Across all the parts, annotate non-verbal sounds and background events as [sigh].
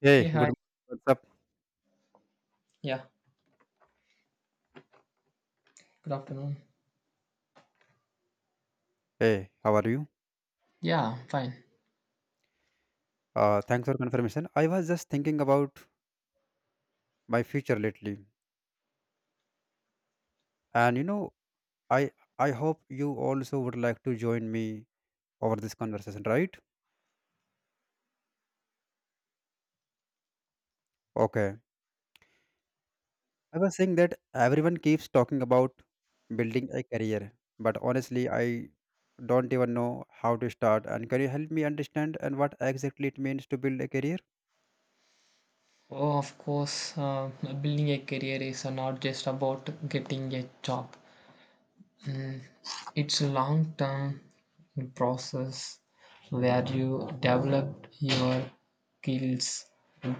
Hey, Hey, good. hi. Morning. What's up? Yeah, good afternoon. Hey, how are you? Yeah, I'm fine. Thanks for confirmation. I was just thinking about my future lately, and you know, I I hope you also would like to join me over this conversation, right? Okay. I was saying that everyone keeps talking about building a career, but honestly, I don't even know how to start. And can you help me understand and what exactly it means to build a career? Oh, of course, building a career is not just about getting a job. Mm, it's a long term process where you develop your skills,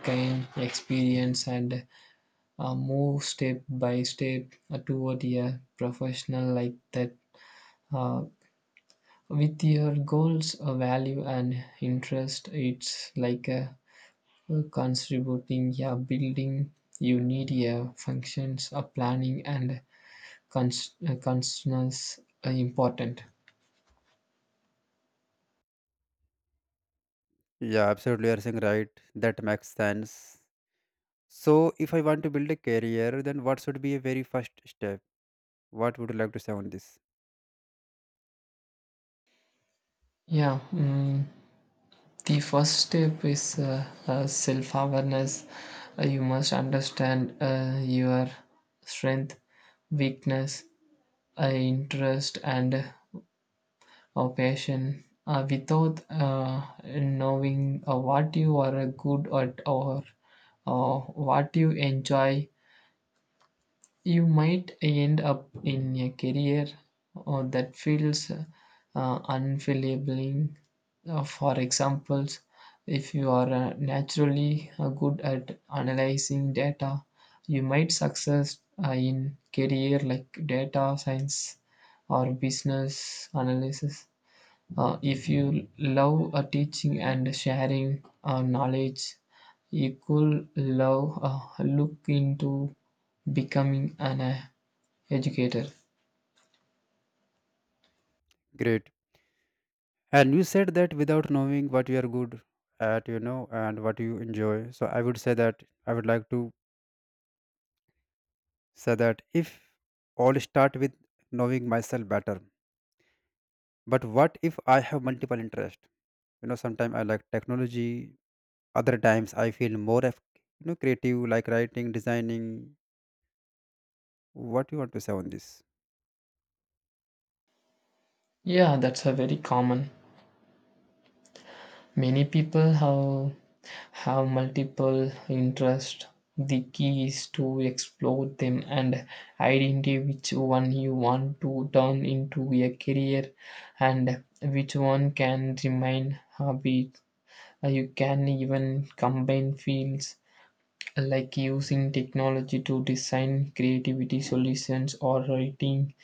gain experience, and move step by step toward a professional like that. Uh, with your goals, value, and interest, it's like a contributing yeah building you need a functions a planning and consciousness are important Yeah, absolutely. You're saying right. That makes sense. So, if I want to build a career, then what should be a very first step? What would you like to say on this? yeah mm, the first step is self-awareness. You must understand your strength weakness interest and passion without knowing what you are good at or what you enjoy you might end up in a career that feels unfulfilling. For example, if you are naturally good at analyzing data, you might success in career like data science or business analysis. If you love teaching and sharing knowledge, you could love look into becoming an educator. Great. And you said that without knowing what you are good at, you know, and what you enjoy. So, I would say that I would like to say that if all start with knowing myself better, but what if I have multiple interests? You know, sometimes I like technology, other times I feel more, of, you know, creative, like writing, designing. What you want to say on this? Yeah, that's a very common. Many people have multiple interests. The key is to explore them and identify which one you want to turn into a career and which one can remain hobby. You can even combine fields like using technology to design creativity solutions or writing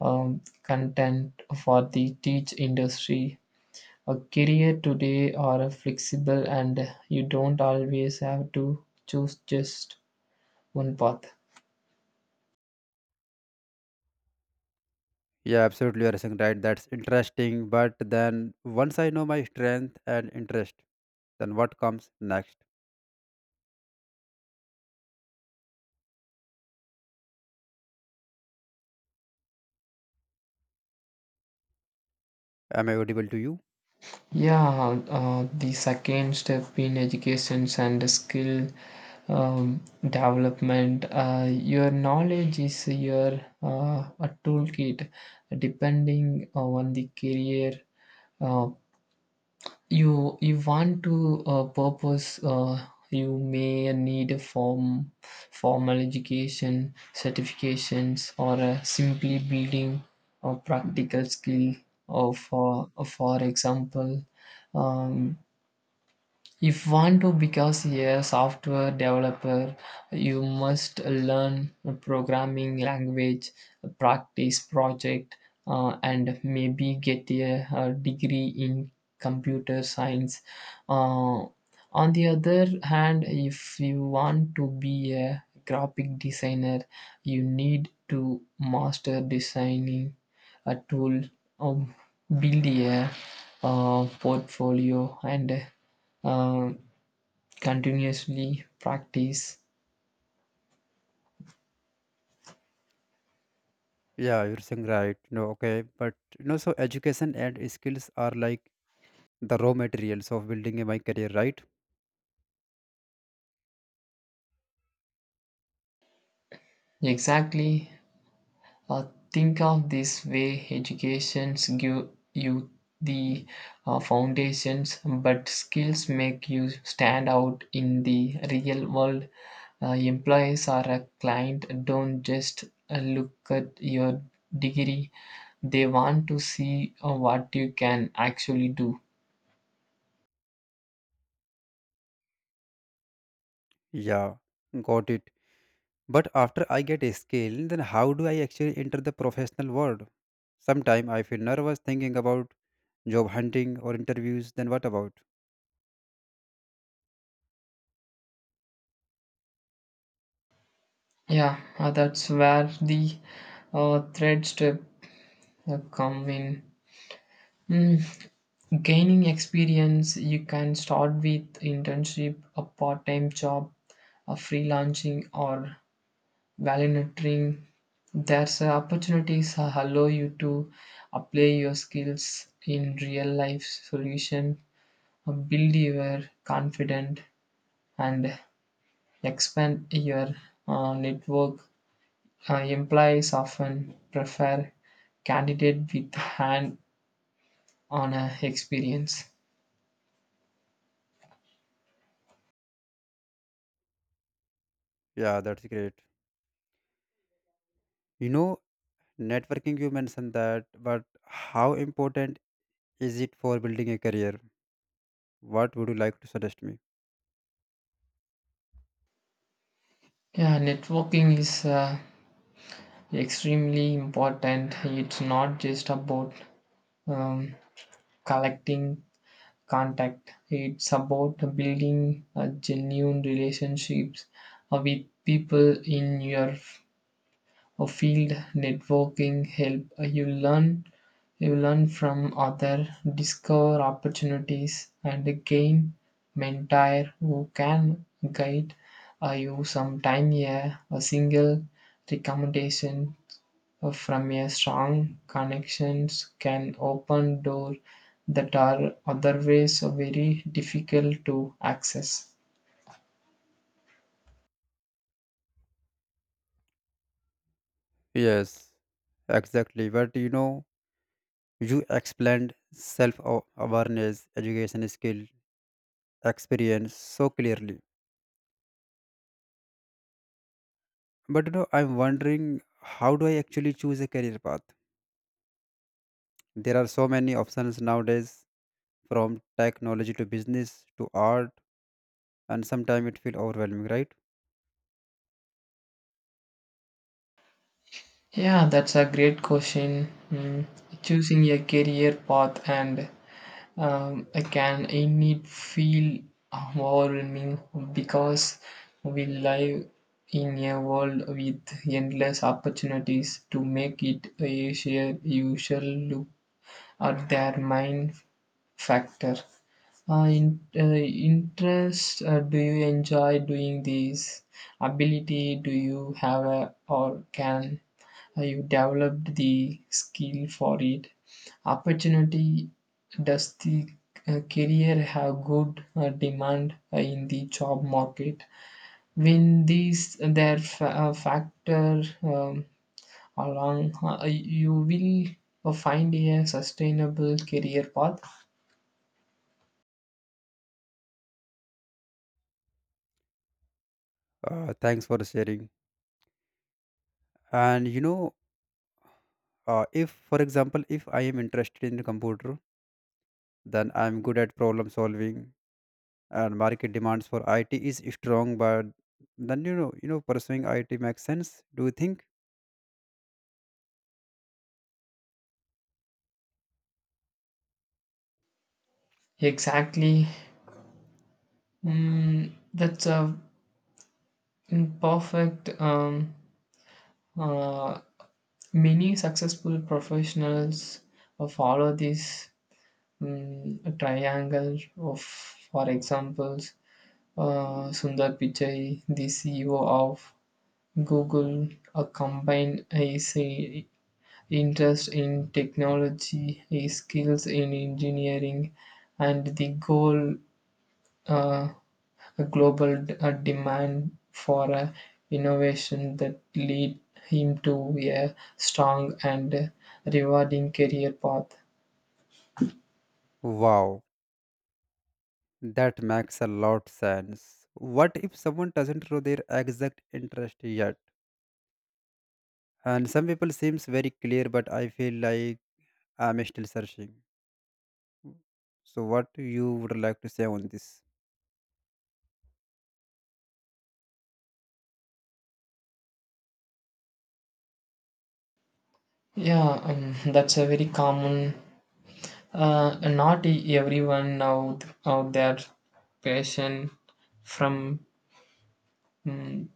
content for the teach industry. A career today are flexible and you don't always have to choose just one path. Yeah, absolutely. You're saying right. That's interesting. But then once I know my strength and interest, then what comes next? Am I audible to you? Yeah, the second step in education and skill um, development. Your knowledge is your a toolkit, depending on the career uh, you want to purpose, you may need a formal education certifications or simply building a practical skill or for example, um, if want to become a software developer, you must learn a programming language, practice project, and maybe get a degree in computer science. Uh, on the other hand, if you want to be a graphic designer, you need to master designing a tool, um, build a portfolio, and um, continuously practice. Yeah, you're saying right. No, okay. But you know, so education and skills are like the raw materials of building my career, right? Exactly. Uh, think of this way: educations give you the foundations, but skills make you stand out in the real world. Employees or a client don't just look at your degree, they want to see what you can actually do. Yeah, got it. But after I get a skill, then how do I actually enter the professional world? Sometime I feel nervous thinking about job hunting or interviews. Then what about? Yeah, that's where the thread step come in. Mm, gaining experience, you can start with internship, a part-time job, a freelancing, or volunteering. There's opportunities that allow you to apply your skills in real-life solution, build your confidence, and expand your network. Employees often prefer candidate with hand-on experience. Yeah, that's great. You know, networking you mentioned that, but how important is it for building a career? What would you like to suggest me? Yeah, networking is extremely important. It's not just about um, collecting contact. It's about building genuine relationships with people in your or field. Networking help you learn from others, discover opportunities and gain mentor who can guide you. Sometime a single recommendation from a strong connections can open door that are otherwise very difficult to access. Yes, exactly, but you know, you explained self awareness, education, skill, experience so clearly, but you know, I'm wondering how do I actually choose a career path? There are so many options nowadays, from technology to business to art, and sometimes it feels overwhelming, right? Yeah, that's a great question. Mm, choosing a career path and I can indeed feel overwhelming because we live in a world with endless opportunities. To make it a you usual look at their mind factor. Uh, interest, do you enjoy doing these? Ability, do you have a, or can you develop the skill for it? Opportunity, does the career have good demand in the job market? When these factor along, you will find a sustainable career path. Thanks for sharing. And you know, if for example if I am interested in the computer, then I am good at problem solving and market demands for it is strong, but then you know pursuing it makes sense, do you think? Exactly. Mm, that's a perfect. Uh, many successful professionals follow this triangle of, for examples, Sundar Pichai, the CEO of Google, a combined his interest in technology, his skills in engineering, and the goal, uh, a global a demand for innovation that lead him to a strong and rewarding career path. Wow, that makes a lot sense. What if someone doesn't know their exact interest yet, and some people seems very clear but I feel like I'm still searching? So what you would like to say on this? Yeah, that's a very common. Not everyone now out there passion from mm.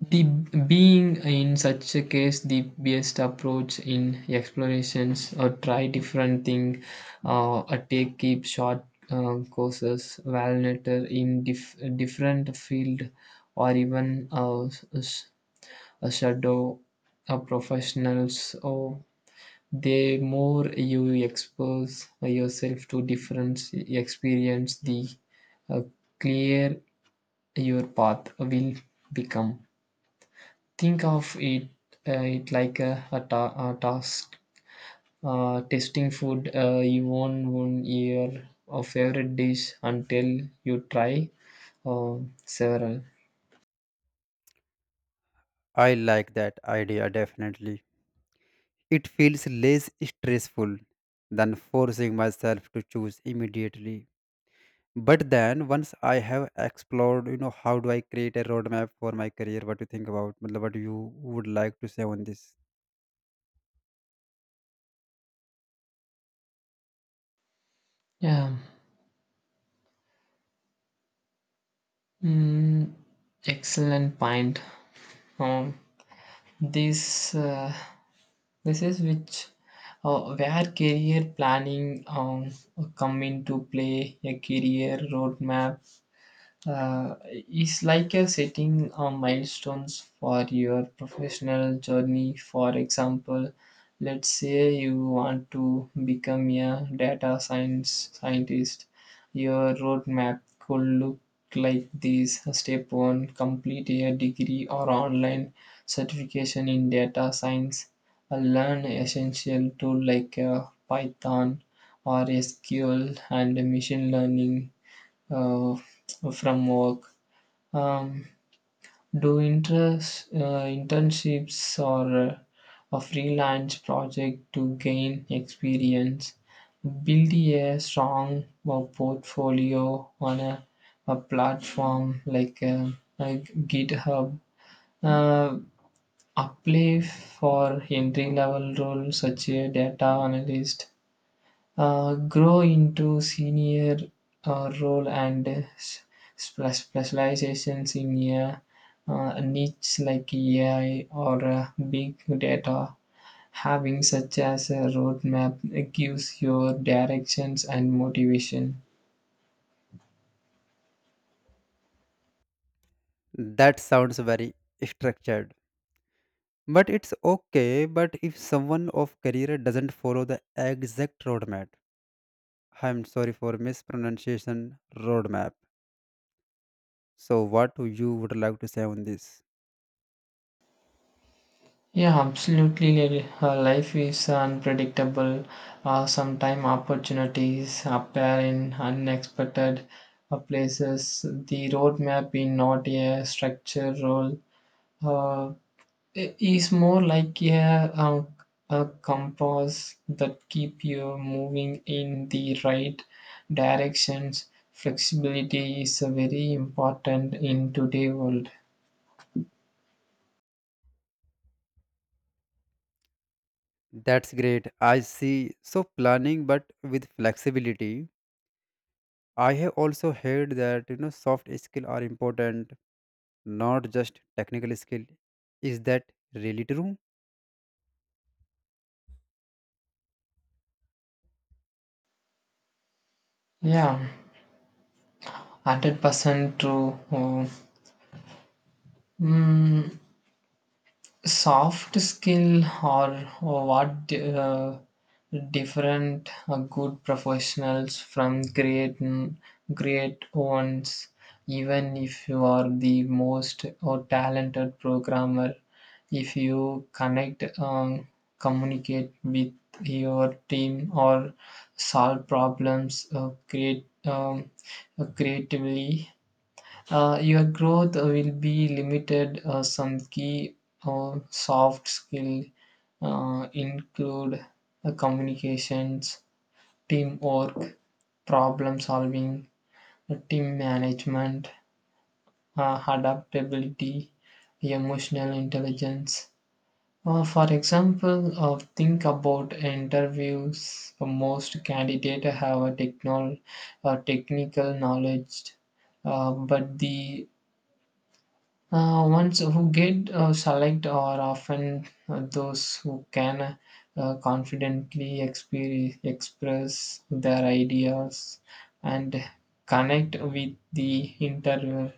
The being in such a case the best approach in explorations or try different thing, or take keep short courses validator in different field or even a shadow professionals. Or the more you expose yourself to different experience the uh, clear your path will become. Think of it, uh, it like a task. Testing food, you want one year of favorite dish until you try uh, several. I like that idea, definitely. It feels less stressful than forcing myself to choose immediately. But then once I have explored, you know, how do I create a roadmap for my career? What do you think about? मतलब, what you would like to say on this? Yeah. Mm, excellent point. Um, this uh, this is which where career planning come into play. A career roadmap uh, is like a setting milestones for your professional journey. For example, let's say you want to become a data science scientist. Your roadmap could look like this: Step one, complete a degree or online certification in data science. Learn essential tool like Python or SQL and machine learning uh, from work. Um, do interest, internships or a freelance project to gain experience, build a strong portfolio on a platform like GitHub. Uh, apply for entry level roles such as data analyst, grow into senior role and specializations in a niche like AI or big data. Having such as a roadmap gives your directions and motivation. That sounds very structured. But it's okay, but if someone of career doesn't follow the exact roadmap, I'm sorry for mispronunciation roadmap. So what do you would like to say on this? Yeah, absolutely. Life is unpredictable. Sometimes opportunities appear in unexpected places. The roadmap is not a structured role, uh, is more like a, a compass that keep you moving in the right directions. Flexibility is a very important in today world. That's great. I see. So planning, but with flexibility. I have also heard that you know soft skill are important, not just technical skill. Is that really true? Yeah, 100% true. Mm, soft skill or what different good professionals from great ones. Even if you are the most or talented programmer, if you connect communicate with your team or solve problems, create creatively, your growth will be limited. Some key soft skill include communications, teamwork, problem solving, team management, adaptability, emotional intelligence. For example, think about interviews. Most candidates have a technical knowledge, but the ones who get select are often those who can confidently express their ideas and connect with the interviewer.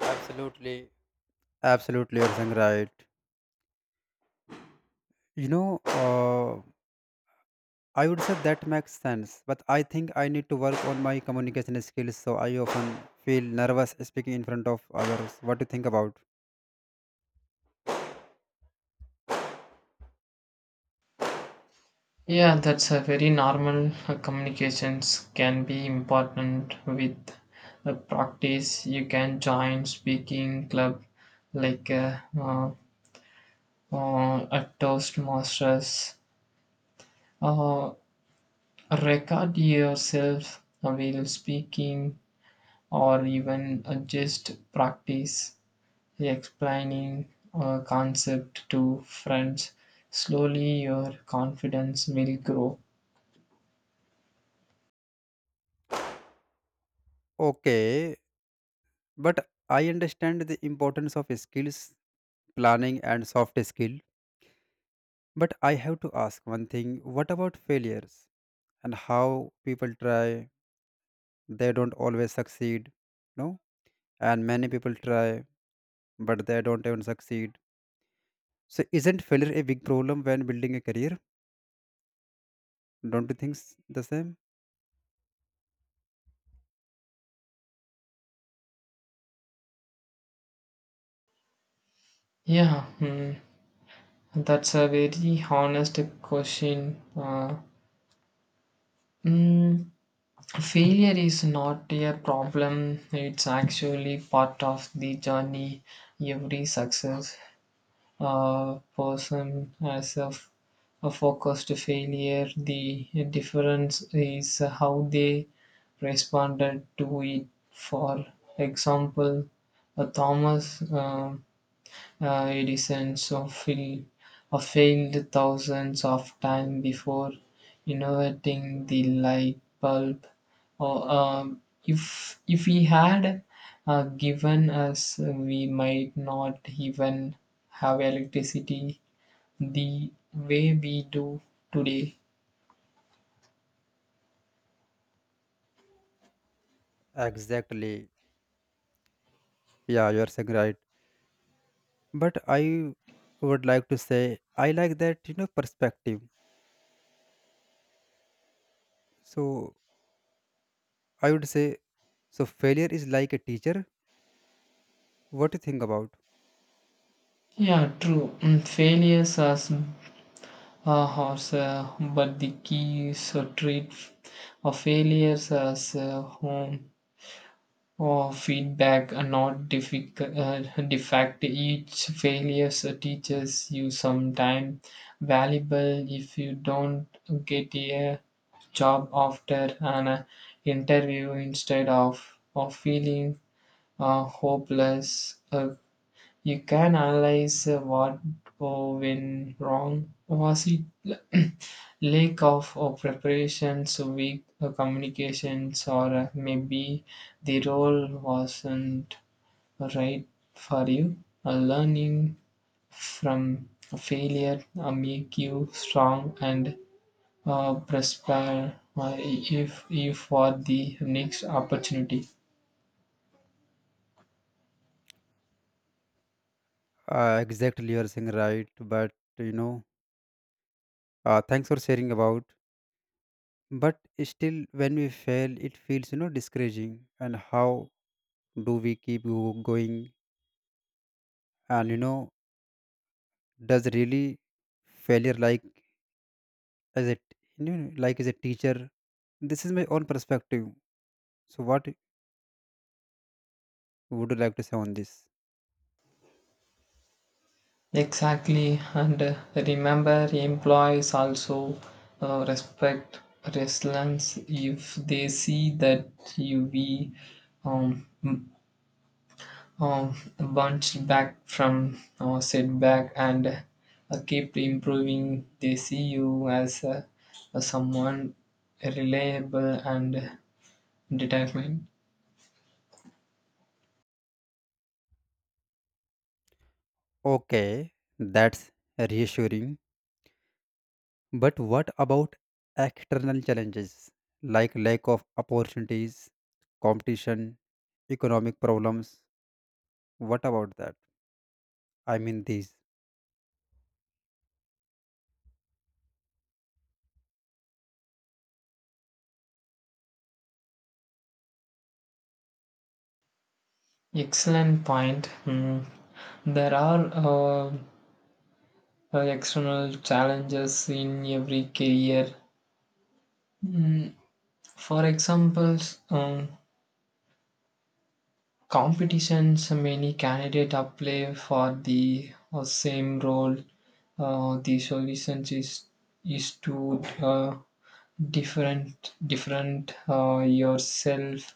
Absolutely. Absolutely, you're saying right. You know, uh, I would say that makes sense, but I think I need to work on my communication skills. So I often feel nervous speaking in front of others. What do you think about? Yeah, that's a very normal. Communications can be important with practice. You can join speaking club like at Toastmasters. Uh, Record yourself while speaking or even just practice explaining a concept to friends. Slowly your confidence will grow. Okay, but I understand the importance of skills, planning and soft skill, but I have to ask one thing: what about failures, and how people try, they don't always succeed? No, and many people try but they don't even succeed, so isn't failure a big problem when building a career? Don't you think the same? Yeah, hmm, that's a very honest question. Mm, failure is not a problem, it's actually part of the journey. Every success person as a focused failure. The difference is how they responded to it. For example, Thomas. Uh, it of fail, of failed thousands of times before innovating the light bulb. Or if he had given us, we might not even have electricity the way we do today. Exactly, yeah, you are saying right, but I would like to say I like that, you know, perspective. So I would say, so failure is like a teacher, what do you think about? Yeah, true. Mm, failures are horse, but the key is to treat failures as home or feedback are not difficult, the fact each failures teaches you some time valuable. If you don't get a job after an interview, instead of feeling hopeless, you can analyze what oh, went wrong. Was it [clears throat] lack of preparations, weak communications, or maybe the role wasn't right for you? Learning from failure make you strong and prosper if for the next opportunity. Exactly, you are saying right, but you know, thanks for sharing about. But still, when we fail, it feels you know discouraging. And how do we keep going? And you know, does really failure like as a, you know, like as a teacher? This is my own perspective. So, what would you like to say on this? Exactly, and remember, employees also respect resilience. If they see that you be um, m- bounced back from setback and keep improving, they see you as someone reliable and determined. Okay, that's reassuring. But what about external challenges like lack of opportunities, competition, economic problems? What about that? I mean, these. Excellent point. Mm. There are external challenges in every career. Mm, for example, um, competitions many candidates apply for the same role. The solution is to different yourself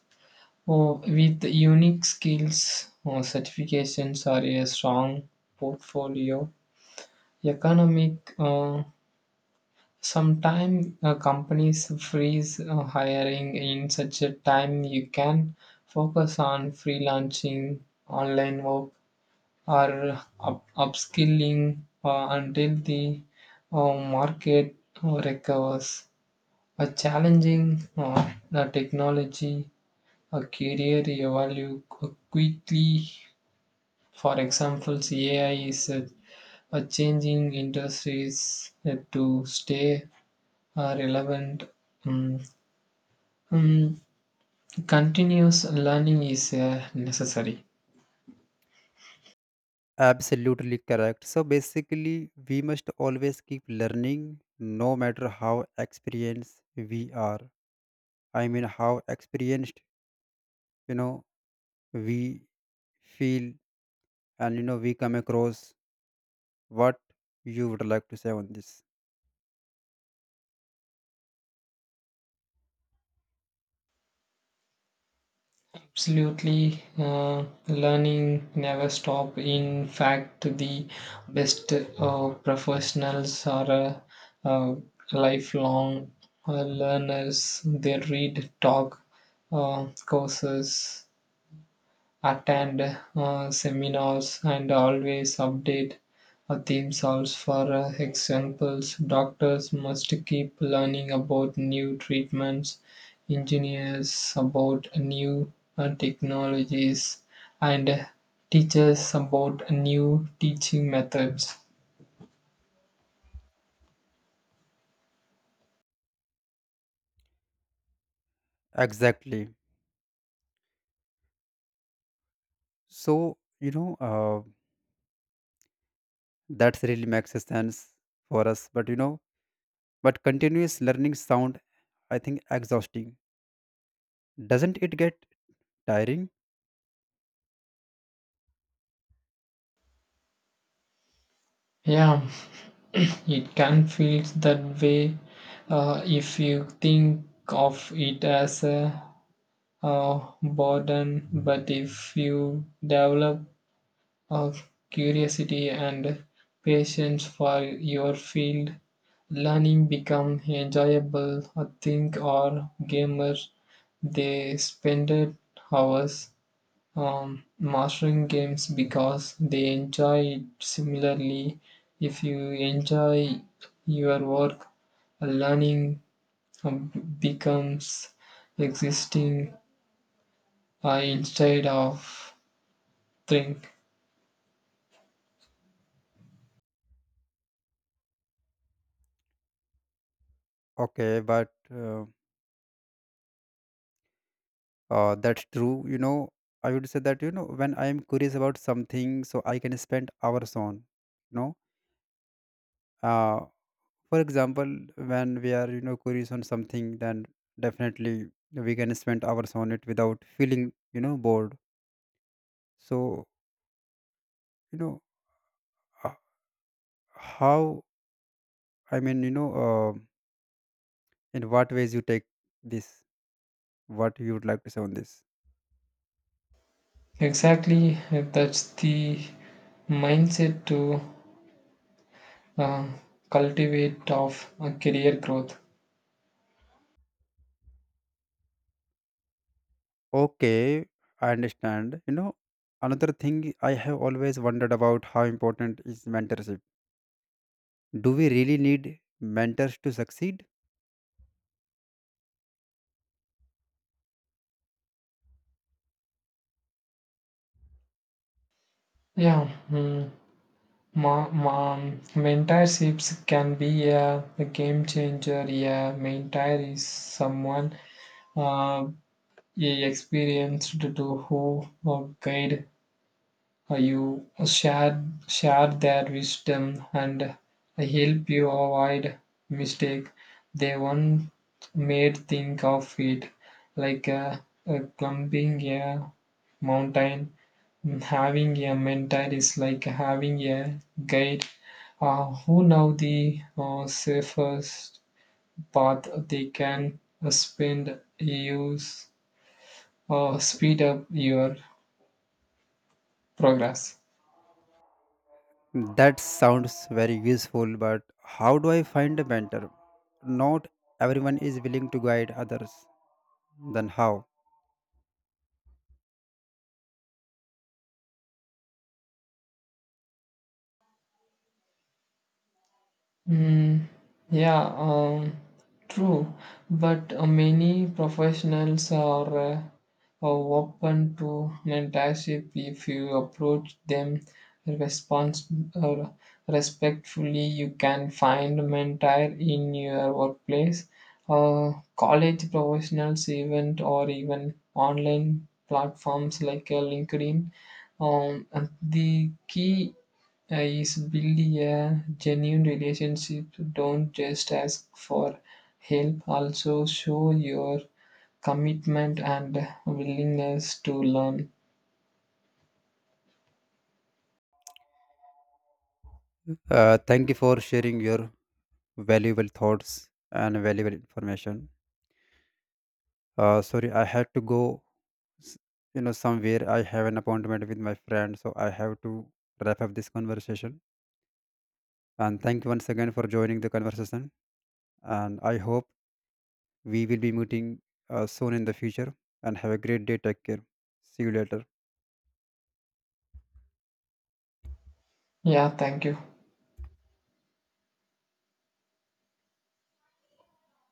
or with unique skills or certifications or a strong portfolio. Economic, sometimes companies freeze hiring. In such a time you can focus on freelancing, online work, or upskilling until the market recovers. A challenging, the technology, a career evolve quickly. For example, AI is a changing industries. Uh, to stay are relevant, um, um, continuous learning is necessary. Absolutely correct. So basically, we must always keep learning no matter how experienced we are. I mean, how experienced, you know, we feel and, you know, we come across what you would like to say on this. Absolutely, learning never stop. In fact, the best professionals are uh, lifelong learners. They read, talk, courses, attend seminars and always update themselves. For examples, doctors must keep learning about new treatments, engineers about new technologies, and teachers about new teaching methods. Exactly. So, that's really makes sense for us. But you know, but continuous learning sound I think exhausting. Doesn't it get tiring? Yeah, it can feel that way, if you think of it as a boredom. But if you develop a curiosity and patience for your field, learning become enjoyable. I think or gamers they spend hours mastering games because they enjoy it. Similarly, if you enjoy your work, learning um, becomes existing I instead of think. Okay, but that's true. You know, I would say that you know when I am curious about something, so I can spend hours on. You know, uh, for example, when we are you know curious on something, then definitely we can spend hours on it without feeling you know bored. So you know uh, how I mean you know. Uh, in what ways you take this, what you would like to say on this? Exactly, that's the mindset to uh, cultivate of career growth. Okay, I understand, you know, another thing I have always wondered about: how important is mentorship? Do we really need mentors to succeed? Yeah mm, ma- ma- mentorships can be a game changer. Yeah, mentor is someone uh, experienced to who guide you, share share their wisdom and help you avoid mistake they once made. Think of it like climbing a mountain. Mm, having a mentor is like having a guide who know the safest path. They can spend use or speed up your progress. That sounds very useful, but how do I find a mentor? Not everyone is willing to guide others, then how? Mm, yeah, true. But many professionals are open to mentorship if you approach them respons- uh, respectfully. You can find a mentor in your workplace, college professionals event, or even online platforms like LinkedIn. And the key is building a genuine relationship. Don't just ask for help, also show your commitment and willingness to learn. Thank you for sharing your valuable thoughts and valuable information. Uh, sorry, I have to go s- you know somewhere, I have an appointment with my friend so I have to wrap up this conversation. And thank you once again for joining the conversation, and I hope we will be meeting soon in the future. And have a great day, take care, see you later. Yeah, thank you.